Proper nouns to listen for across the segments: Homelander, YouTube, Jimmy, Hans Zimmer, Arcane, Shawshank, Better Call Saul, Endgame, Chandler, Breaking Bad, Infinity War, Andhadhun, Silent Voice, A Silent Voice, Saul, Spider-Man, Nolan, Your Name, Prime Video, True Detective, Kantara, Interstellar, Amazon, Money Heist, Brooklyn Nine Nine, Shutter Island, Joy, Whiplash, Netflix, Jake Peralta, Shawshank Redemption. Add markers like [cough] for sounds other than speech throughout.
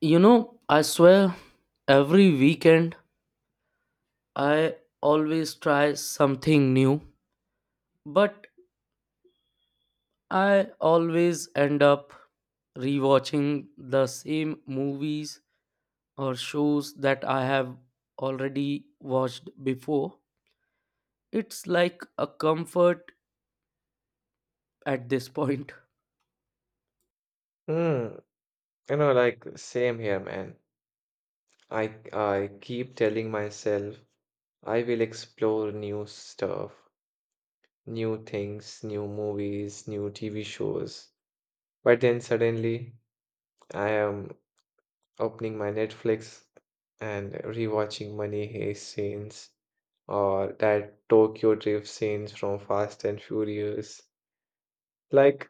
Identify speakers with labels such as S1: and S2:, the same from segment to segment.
S1: You know, I swear every weekend I always try something new, but I always end up rewatching the same movies or shows that I have already watched before. It's like a comfort at this point.
S2: Hmm, like same here, man. I keep telling myself I will explore new stuff, new things, new movies, new TV shows. But then suddenly I am opening my Netflix and rewatching Money Heist scenes or that Tokyo Drift scenes from Fast and Furious. Like,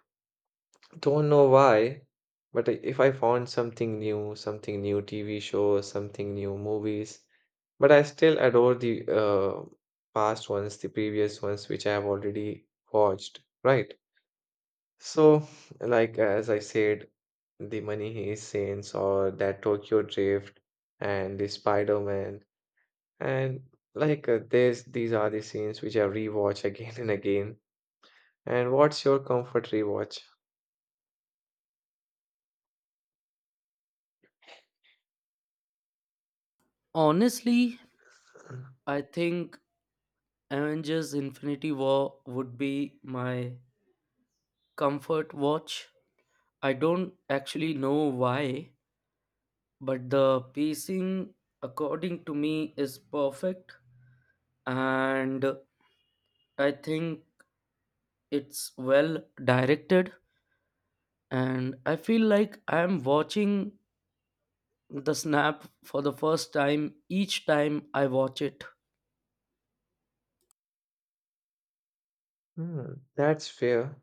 S2: don't know why, but I- If I found something new TV show, something new movies, but I still adore the past ones, the previous ones, which I have already watched, right? So, like as I said, the Money Heist scenes or that Tokyo Drift and the Spider-Man and these are the scenes which I rewatch [laughs] again and again. And what's your comfort rewatch?
S1: Honestly,
S2: [clears throat]
S1: I think Avengers Infinity War would be my comfort watch. I don't actually know why, but the pacing according to me is perfect, and I think it's well directed, and I feel like I am watching the snap for the first time each time I watch it.
S2: Hmm, that's fair.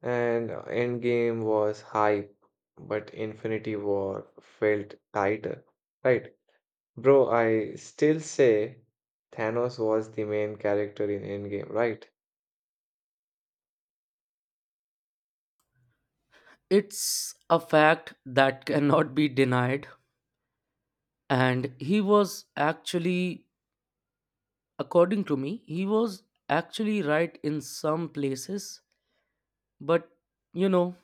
S2: And Endgame was hype, but Infinity War felt tighter, right? Bro, I still say Thanos was the main character in Endgame, right?
S1: It's a fact that [laughs] cannot be denied, and he was actually, according to me, he was actually right in some places, but you know,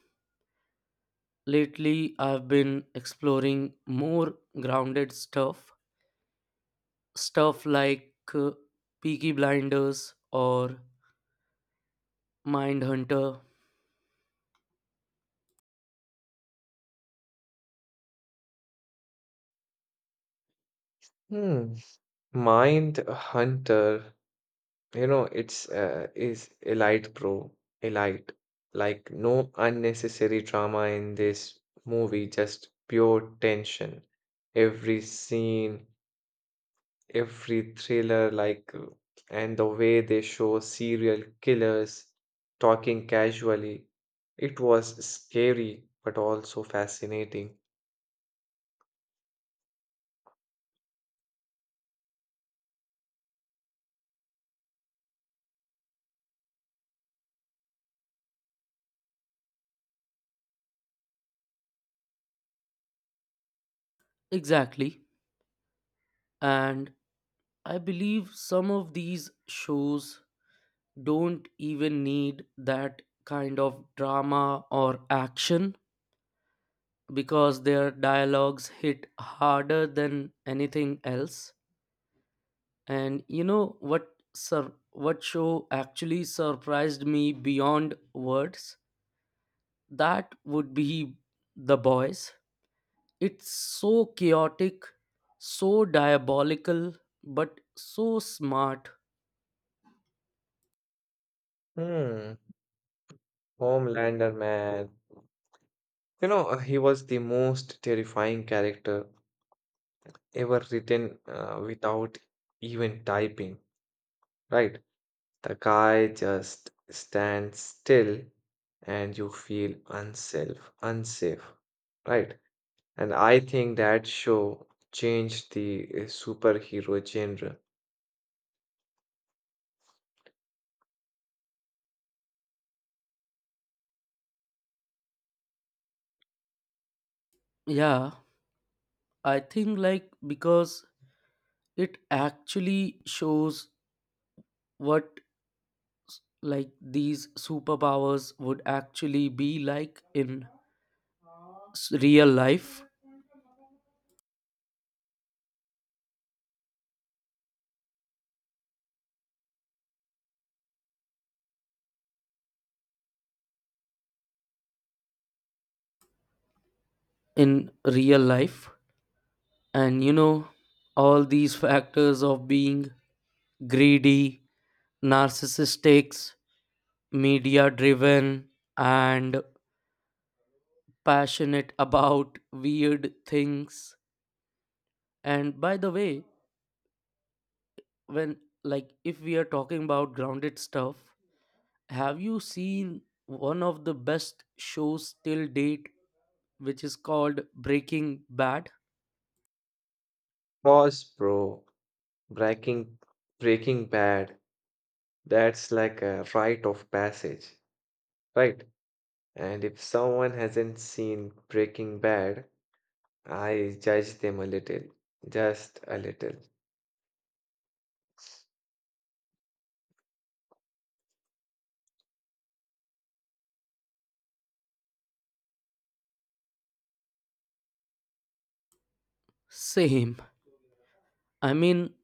S1: lately, I've been exploring more grounded stuff, stuff like Peaky Blinders or Mindhunter.
S2: Hmm. Mind Hunter, you know, it's is elite, bro. Elite. Like no unnecessary drama in this movie, just pure tension. Every scene, every thriller, and the way they show serial killers talking casually. It was scary, but also fascinating.
S1: Exactly. And I believe some of these shows don't even need that kind of drama or action because their dialogues hit harder than anything else. And you know what, sir, what show actually surprised me beyond words? That would be The Boys. It's so chaotic, so diabolical, but so smart.
S2: Hmm, Homelander, man. He was the most terrifying character ever written without even typing, right? The guy just stands still and you feel unsafe, right? And I think that show changed the superhero genre.
S1: Yeah, I think, like, because it actually shows what, like, these superpowers would actually be like in real life, in real life. And you know, all these factors of being greedy, narcissistic, media driven, and passionate about weird things. And by the way, when, like, if we are talking about grounded stuff, have you seen one of the best shows till date, which is called Breaking Bad?
S2: Pause, bro. Breaking, Breaking Bad. That's like a rite of passage, right? And if someone hasn't seen Breaking Bad, I judge them a little, just a little.
S1: Same. I mean,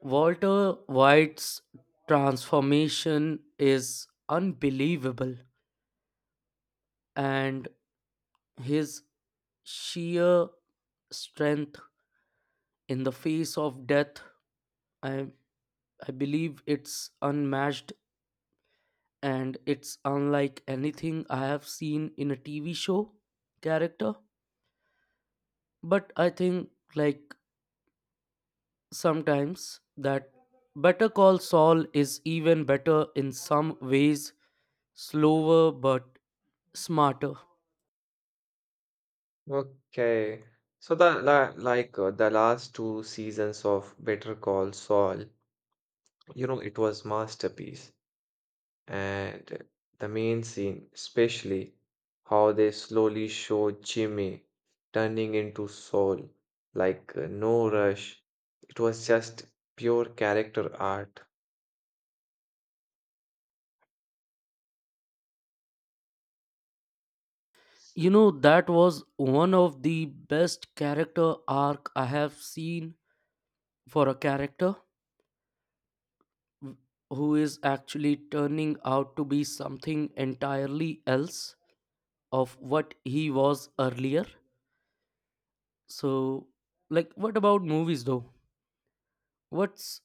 S1: Walter White's transformation is unbelievable, and his sheer strength in the face of death, I, I believe it's unmatched, and it's unlike anything I have seen in a TV show character. But I think, like, sometimes that Better Call Saul is even better in some ways, slower but smarter.
S2: Okay. So the la like the last two seasons of Better Call Saul, you know, it was masterpiece. And the main scene, especially how they slowly show Jimmy turning into Saul, no rush. It was just pure character art.
S1: You know, that was one of the best character arc I have seen for a character w- who is actually turning out to be something entirely else of what he was earlier. So, like, what about movies though? What's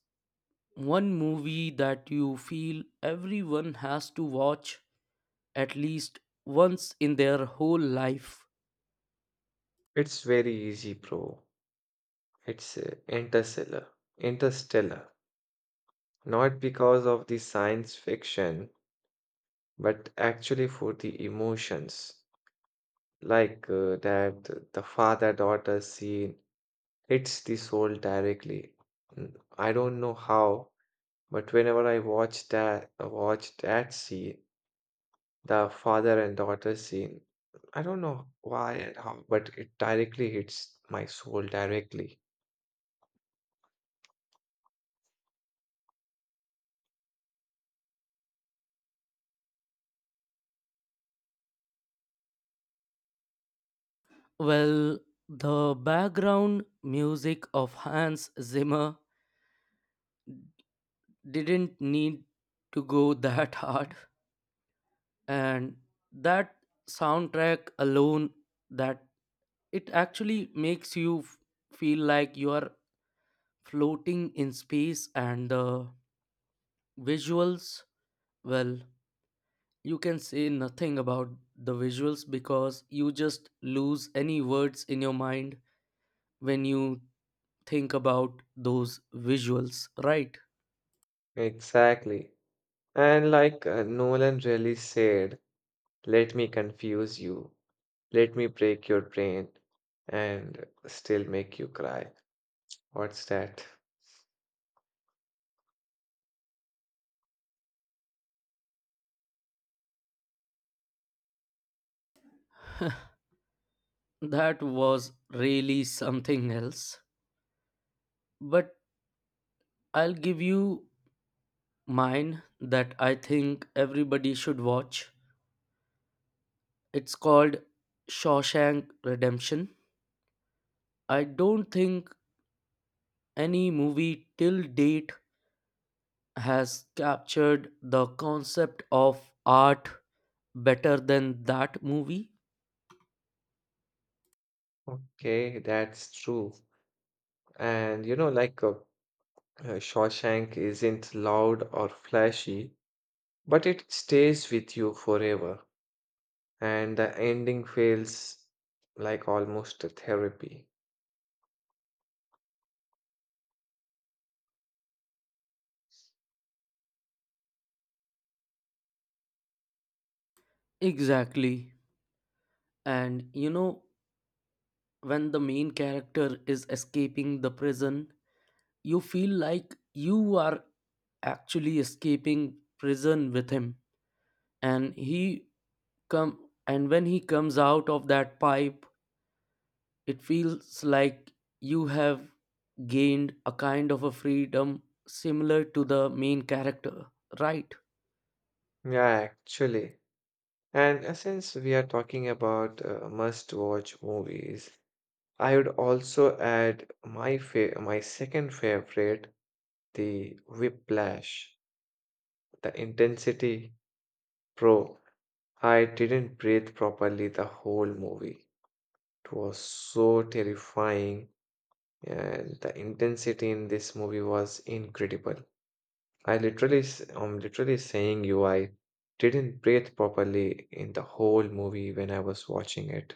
S1: one movie that you feel everyone has to watch at least once in their whole life?
S2: It's very easy, bro. It's Interstellar. Interstellar. Not because of the science fiction, but actually for the emotions. The father daughter scene hits the soul directly. I don't know how, but whenever I watch that scene, the father and daughter scene, I don't know why and how, but it directly hits my soul directly.
S1: Well, the background music of Hans Zimmer didn't need to go [laughs] that hard, and that soundtrack alone, that it actually makes you feel like you are floating in space, and the visuals, well, you can say nothing about the visuals because you just lose any words in your mind when you think about those visuals, right?
S2: Exactly. And Nolan really said, let me confuse you. Let me break your brain and still make you cry. What's that?
S1: That was really something else. But I'll give you mine that I think everybody should watch. It's called Shawshank Redemption. I don't think any movie till date has captured the concept of art better than that movie.
S2: Okay, that's true. And Shawshank isn't loud or flashy, but it stays with you forever. And the ending feels like almost a therapy.
S1: Exactly. And you know, when the main character is escaping the prison, you feel like you are actually escaping prison with him, and he come and when he comes out of that pipe, it feels like you have gained a kind of a freedom similar to the main character, right?
S2: Yeah, actually. And since we are talking about must-watch movies, I would also add my second favorite, the Whiplash, the intensity. Bro, I didn't breathe properly the whole movie. It was so terrifying, and the intensity in this movie was incredible. I'm literally saying you, I didn't breathe properly in the whole movie when I was watching it.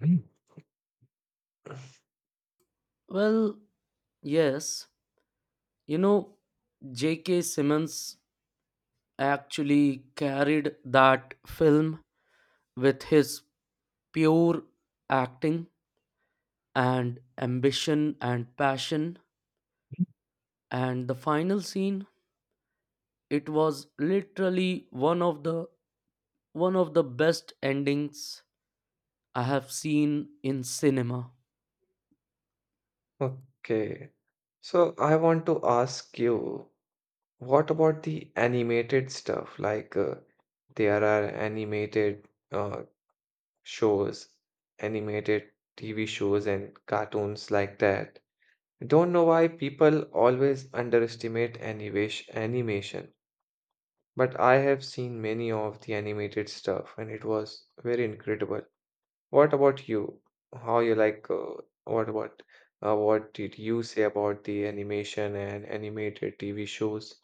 S2: Mm.
S1: Well, yes, you know, JK Simmons actually carried that film with his pure acting and ambition and passion. And the final scene, it was literally one of the best endings I have seen in cinema.
S2: Okay, so I want to ask you. What about the animated stuff? There are animated shows, animated TV shows, and cartoons like that. Don't know why people always underestimate animation, but I have seen many of the animated stuff, and it was very incredible. What about you? How you like? What about? What did you say about the animation and animated TV shows?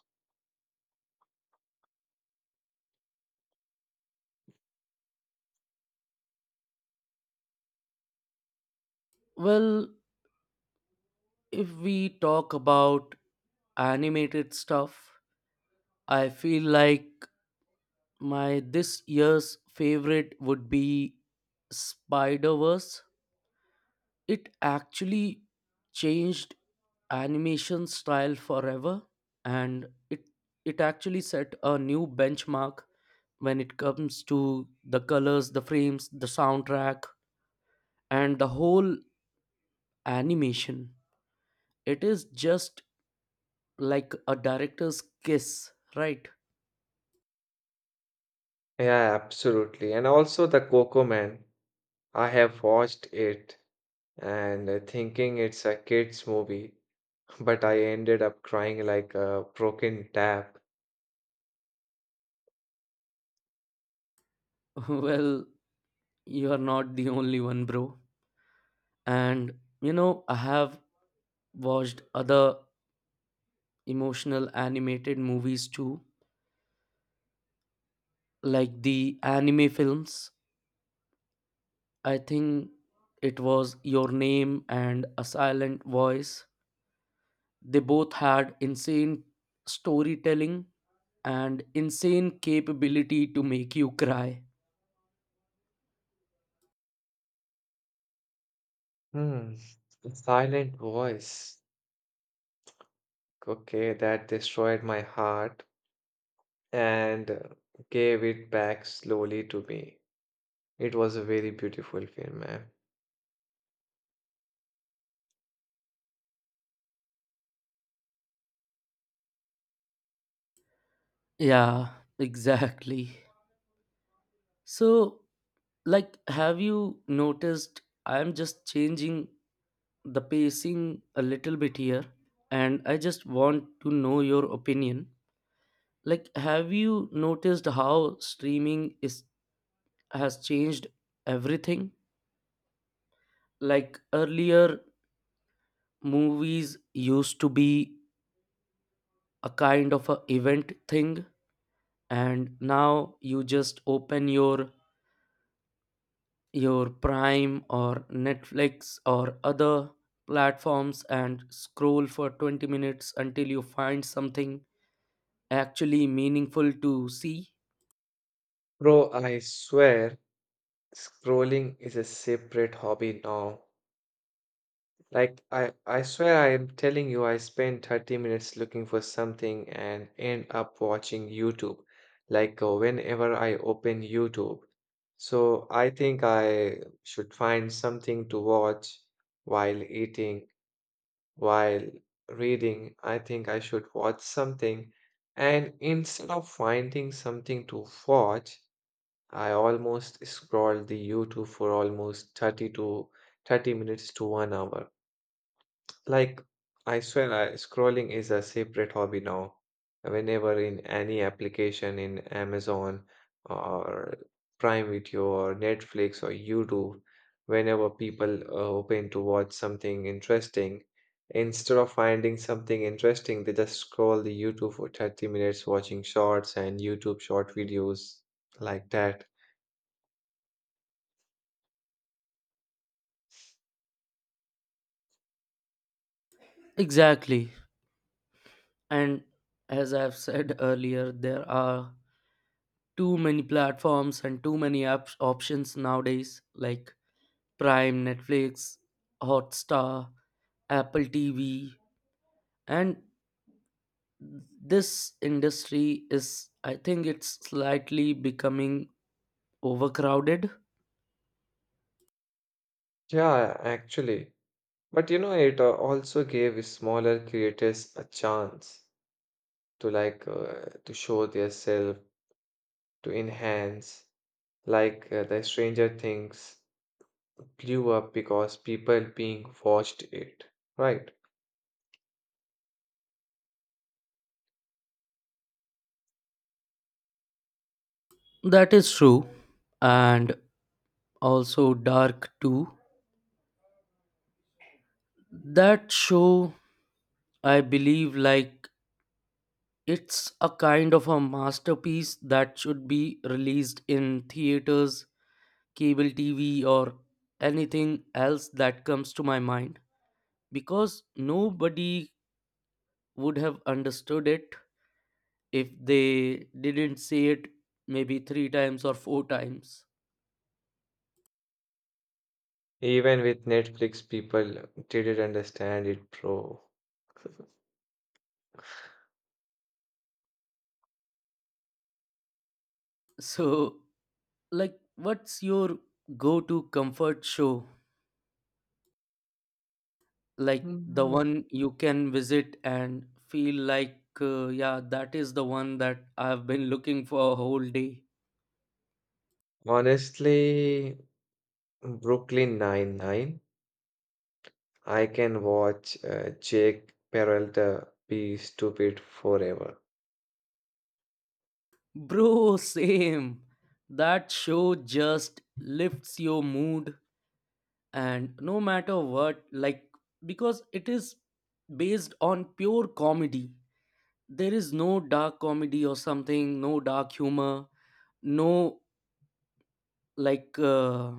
S1: Well, if we talk about animated stuff, I feel like my this year's favorite would be spider verse It actually changed animation style forever, and it actually set a new benchmark when it comes to the colors, the frames, the soundtrack, and the whole animation. It is just like a director's kiss, right?
S2: Yeah, absolutely. And also the Coco Man. I have watched it and thinking it's a kids movie, [laughs] but I ended up crying like a broken tap.
S1: [laughs] Well, you are not the only one, bro. And you know, I have watched other emotional animated movies too, like the anime films. I think it was Your Name and A Silent Voice. They both had insane storytelling and insane capability to make you cry.
S2: Hmm, silent voice. Okay, that destroyed my heart and gave it back slowly to me. It was a very beautiful film, man.
S1: Yeah, exactly. So, like, have you noticed I'm just changing the pacing a little bit here, and I just want to know your opinion. Like, have you noticed how streaming is has changed everything? Like earlier, movies used to be a kind of a event thing, and now you just open your Prime or Netflix or other platforms and scroll for 20 minutes until you find something actually meaningful to see.
S2: Bro, I swear, scrolling is a separate hobby now. Like I swear I am telling you I spend 30 minutes looking for something and end up watching YouTube. Whenever I open YouTube. So I think I should find something to watch while eating, while reading. I think I should watch something. And instead of finding something to watch, I almost scroll the YouTube for almost 30 to 30 minutes to 1 hour. Like, I swear, scrolling is a separate hobby now. Whenever in any application in Amazon or Prime Video or Netflix or YouTube, whenever people open to watch something interesting, instead of finding something interesting, they just scroll the YouTube for 30 minutes watching shorts and YouTube short videos like that.
S1: Exactly. And as I've said [laughs] earlier, there are too many platforms and too many apps options nowadays like Prime, Netflix, Hotstar, Apple TV, and this industry is, I think it's slightly becoming overcrowded.
S2: Yeah, actually. But you know, it also gave smaller creators a chance to to show their self, to enhance, the stranger things blew up because people being watched it, right?
S1: That is true. And also Dark too. That show, I believe, like, it's a kind of a masterpiece that should be released in theaters, cable TV, or anything else that comes to my mind, because nobody would have understood it if they didn't say it maybe three times or four times. [laughs]
S2: Even with Netflix people didn't understand it, bro. [laughs]
S1: So, like, what's your go to comfort show? Like, the
S2: Mm,
S1: one you can visit and feel like, yeah, that is the one that I've been looking for a whole day.
S2: honestly, Brooklyn Nine Nine. I can watch Jake Peralta be stupid forever.
S1: Bro, same. That show just lifts your mood, and no matter what, like, because it is based on pure comedy. There is no dark comedy or something, no dark humor, no, like,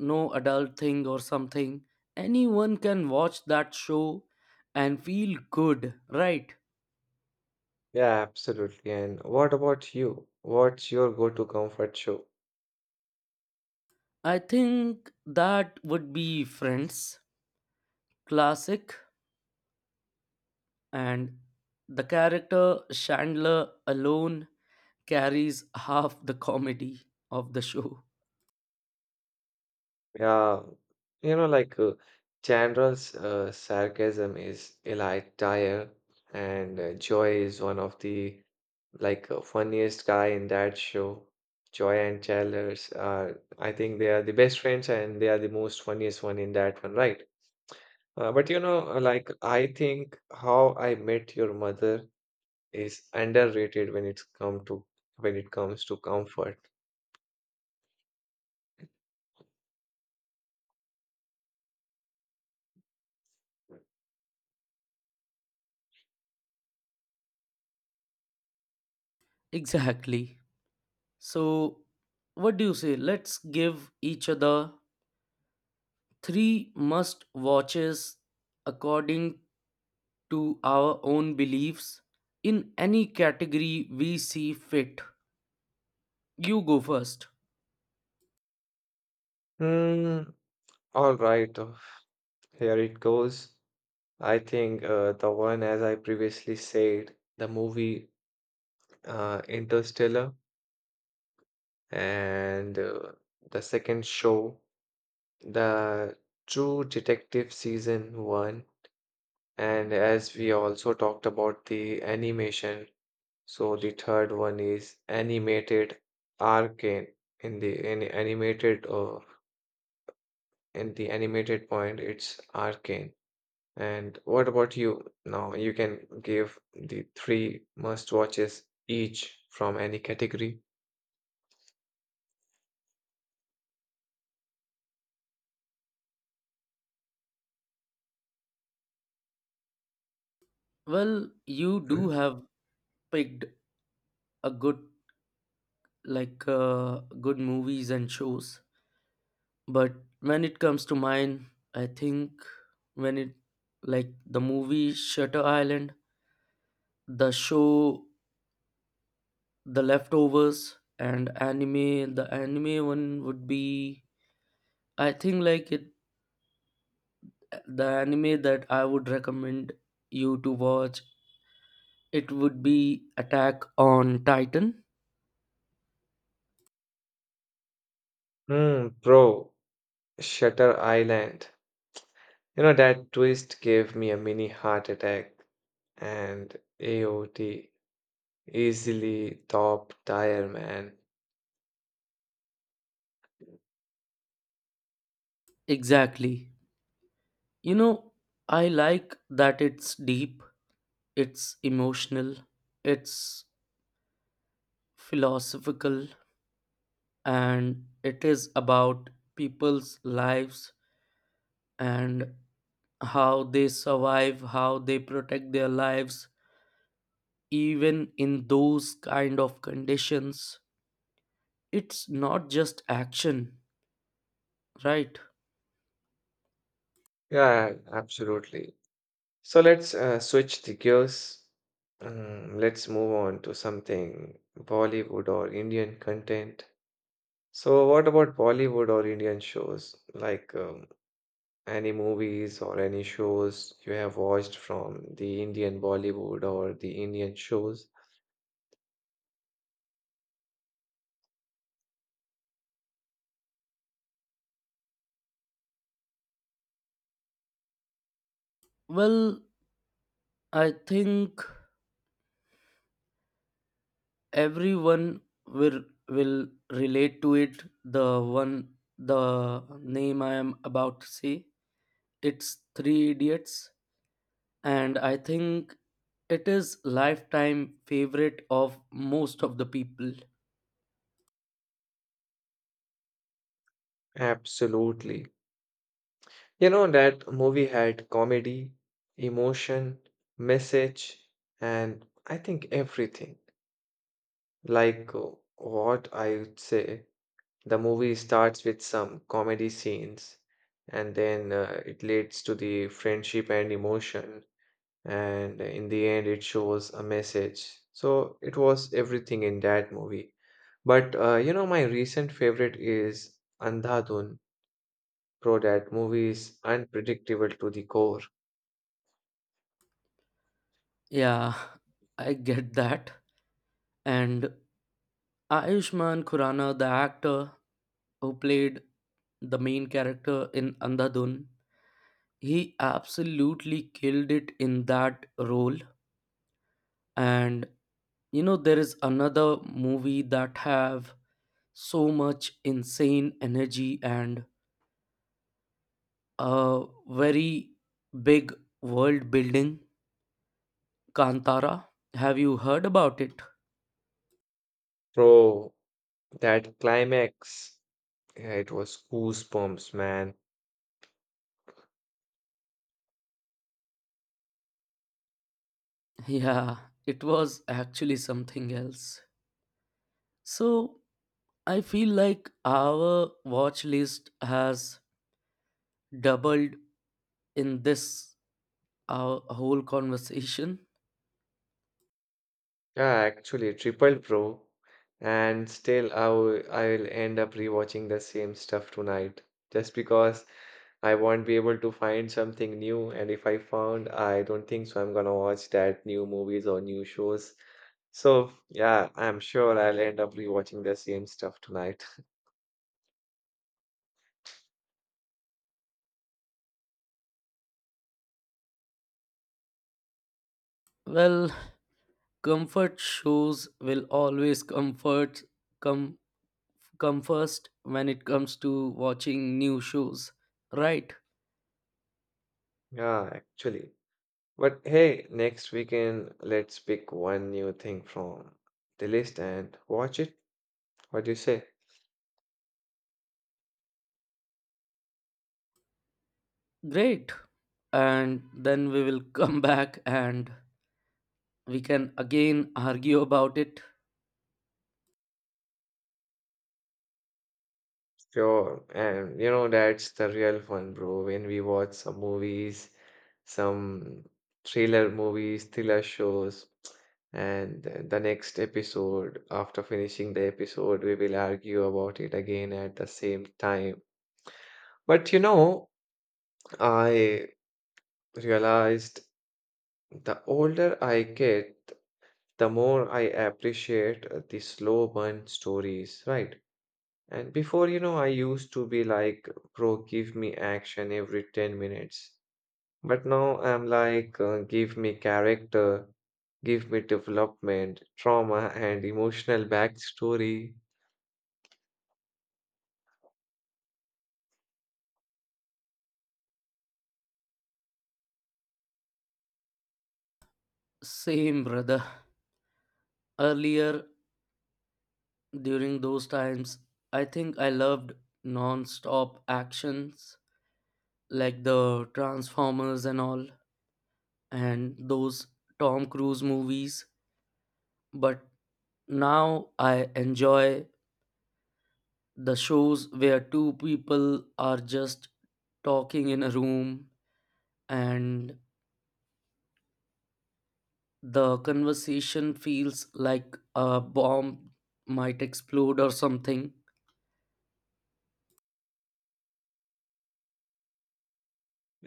S1: no adult thing or something. Anyone can watch that show and feel good, right?
S2: Yeah, absolutely. And what about you? What's your go-to comfort show?
S1: I think that would be Friends. Classic, and the character Chandler alone carries half the comedy of the show. [laughs]
S2: Yeah, you know, like uh, Chandra's sarcasm is a light tire, and Joy is one of the funniest guy in that show. Joy and Chandler's are, I think they are the best friends, and they are the most funniest one in that one, right? But you know, like I think How I Met Your Mother is underrated when it comes to comfort.
S1: Exactly. So, what do you say? Let's give each other three must watches according to our own beliefs in any category we see fit. You go first.
S2: Hmm. All right. Here it goes. I think the one, as I previously said, the movie Interstellar, and the second show, the True Detective Season 1, and as we also talked about the animation, so the third one is animated Arcane. In the in animated uh, in the animated point, it's Arcane. And what about you? Now you can give the three must watches each from any category.
S1: Well, you do have picked a good, like uh, good movies and shows. But when it comes to mine, I think, when it, like, the movie Shutter Island, the show The Leftovers, and anime, the anime one would be, I think, like, it the anime that I would recommend you to watch, it would be Attack on Titan.
S2: Hmm, bro, Shutter Island. You know that twist gave me a mini heart attack, and AOT easily top tier, man.
S1: Exactly. You know, I like that it's deep, it's emotional, it's philosophical, and it is about people's lives and how they survive, how they protect their lives, even in those kind of conditions. It's not just action, right?
S2: Yeah, absolutely. So let's switch the gears. Let's move on to something Bollywood or Indian content. So, what about Bollywood or Indian shows? Any movies or any shows you have watched from the Indian Bollywood or the Indian shows?
S1: Well, I think everyone will will relate to it. The one, the name I am about to say. It's Three Idiots, and I think it is lifetime favorite of most of the people.
S2: Absolutely. You know, that movie had comedy, emotion, message, and I think everything. Like uh, what I would say, the movie starts with some comedy scenes and then it leads to the friendship and emotion, and in the end it shows a message, so it was everything in that movie. But you know, my recent favorite is andhadhun. Bro, that movie is unpredictable to the core.
S1: Yeah, [laughs] I get that. And Ayushmann Khurana, the actor who played the main character in Andhadhun, he absolutely killed it in that role. And you know, there is another movie that have so much insane energy and a very big world building, Kantara. Have you heard about it?
S2: Bro, that climax, yeah, it was goosebumps, man.
S1: Yeah, it was actually something else. So, I feel like our watch list has doubled in this our whole conversation.
S2: Yeah, actually, triple pro. And still, I will end up rewatching the same stuff tonight just because I won't be able to find something new. And if I found, I don't think so. I'm gonna watch that new movies or new shows. So, yeah, I'm sure I'll end up rewatching the same stuff tonight. [laughs]
S1: Well, comfort shows will always comfort come come first when it comes to watching new shows. Right.
S2: Yeah, actually. But hey, next weekend, let's pick one new thing from the list and watch it. What do you say?
S1: Great. And then we will come [laughs] back and we can again argue about it.
S2: Sure, and you know that's the real fun, bro. When we watch some movies, some thriller movies, thriller shows, and the next episode, after finishing the episode, we will argue about it again at the same time. But you know, I realized the older I get, the more I appreciate the slow burn stories, right? And before, you know, I used to be like, bro, give me action every 10 minutes. But now I'm like, give me character, give me development, trauma, and emotional backstory.
S1: Same, brother. Earlier, during those times, I think I loved non stop actions like the Transformers and all, and those Tom Cruise movies. But now I enjoy the shows where two people are just talking in a room, and the conversation feels like a bomb might explode or something.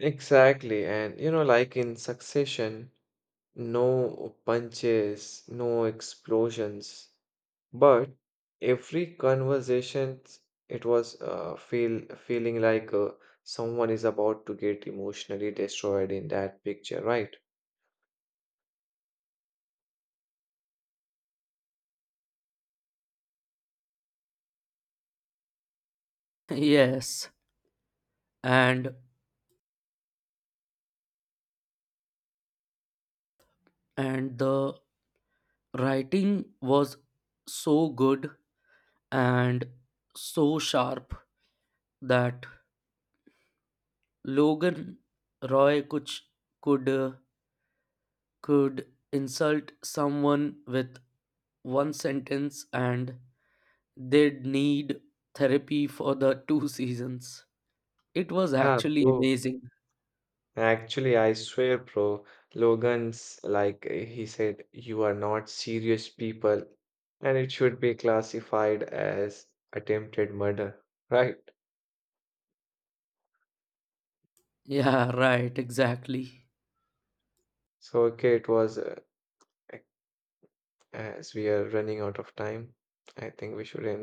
S2: Exactly. And you know, like in Succession, no punches, no explosions, but every conversation it was feeling like someone is about to get emotionally destroyed in that picture, right?
S1: [laughs] Yes. And and the writing was so good and so sharp that Logan Roy Kuch could uh, could insult someone with one sentence, and they'd need therapy for the [laughs] two seasons. It was
S2: Yeah,
S1: actually
S2: bro.
S1: amazing.
S2: Actually, I swear, bro, Logan's he said, you are not serious people, and it should be classified as attempted murder, [laughs] right?
S1: Yeah, right, exactly.
S2: So, okay, it was, ac- as we are running out of time, I think we should end.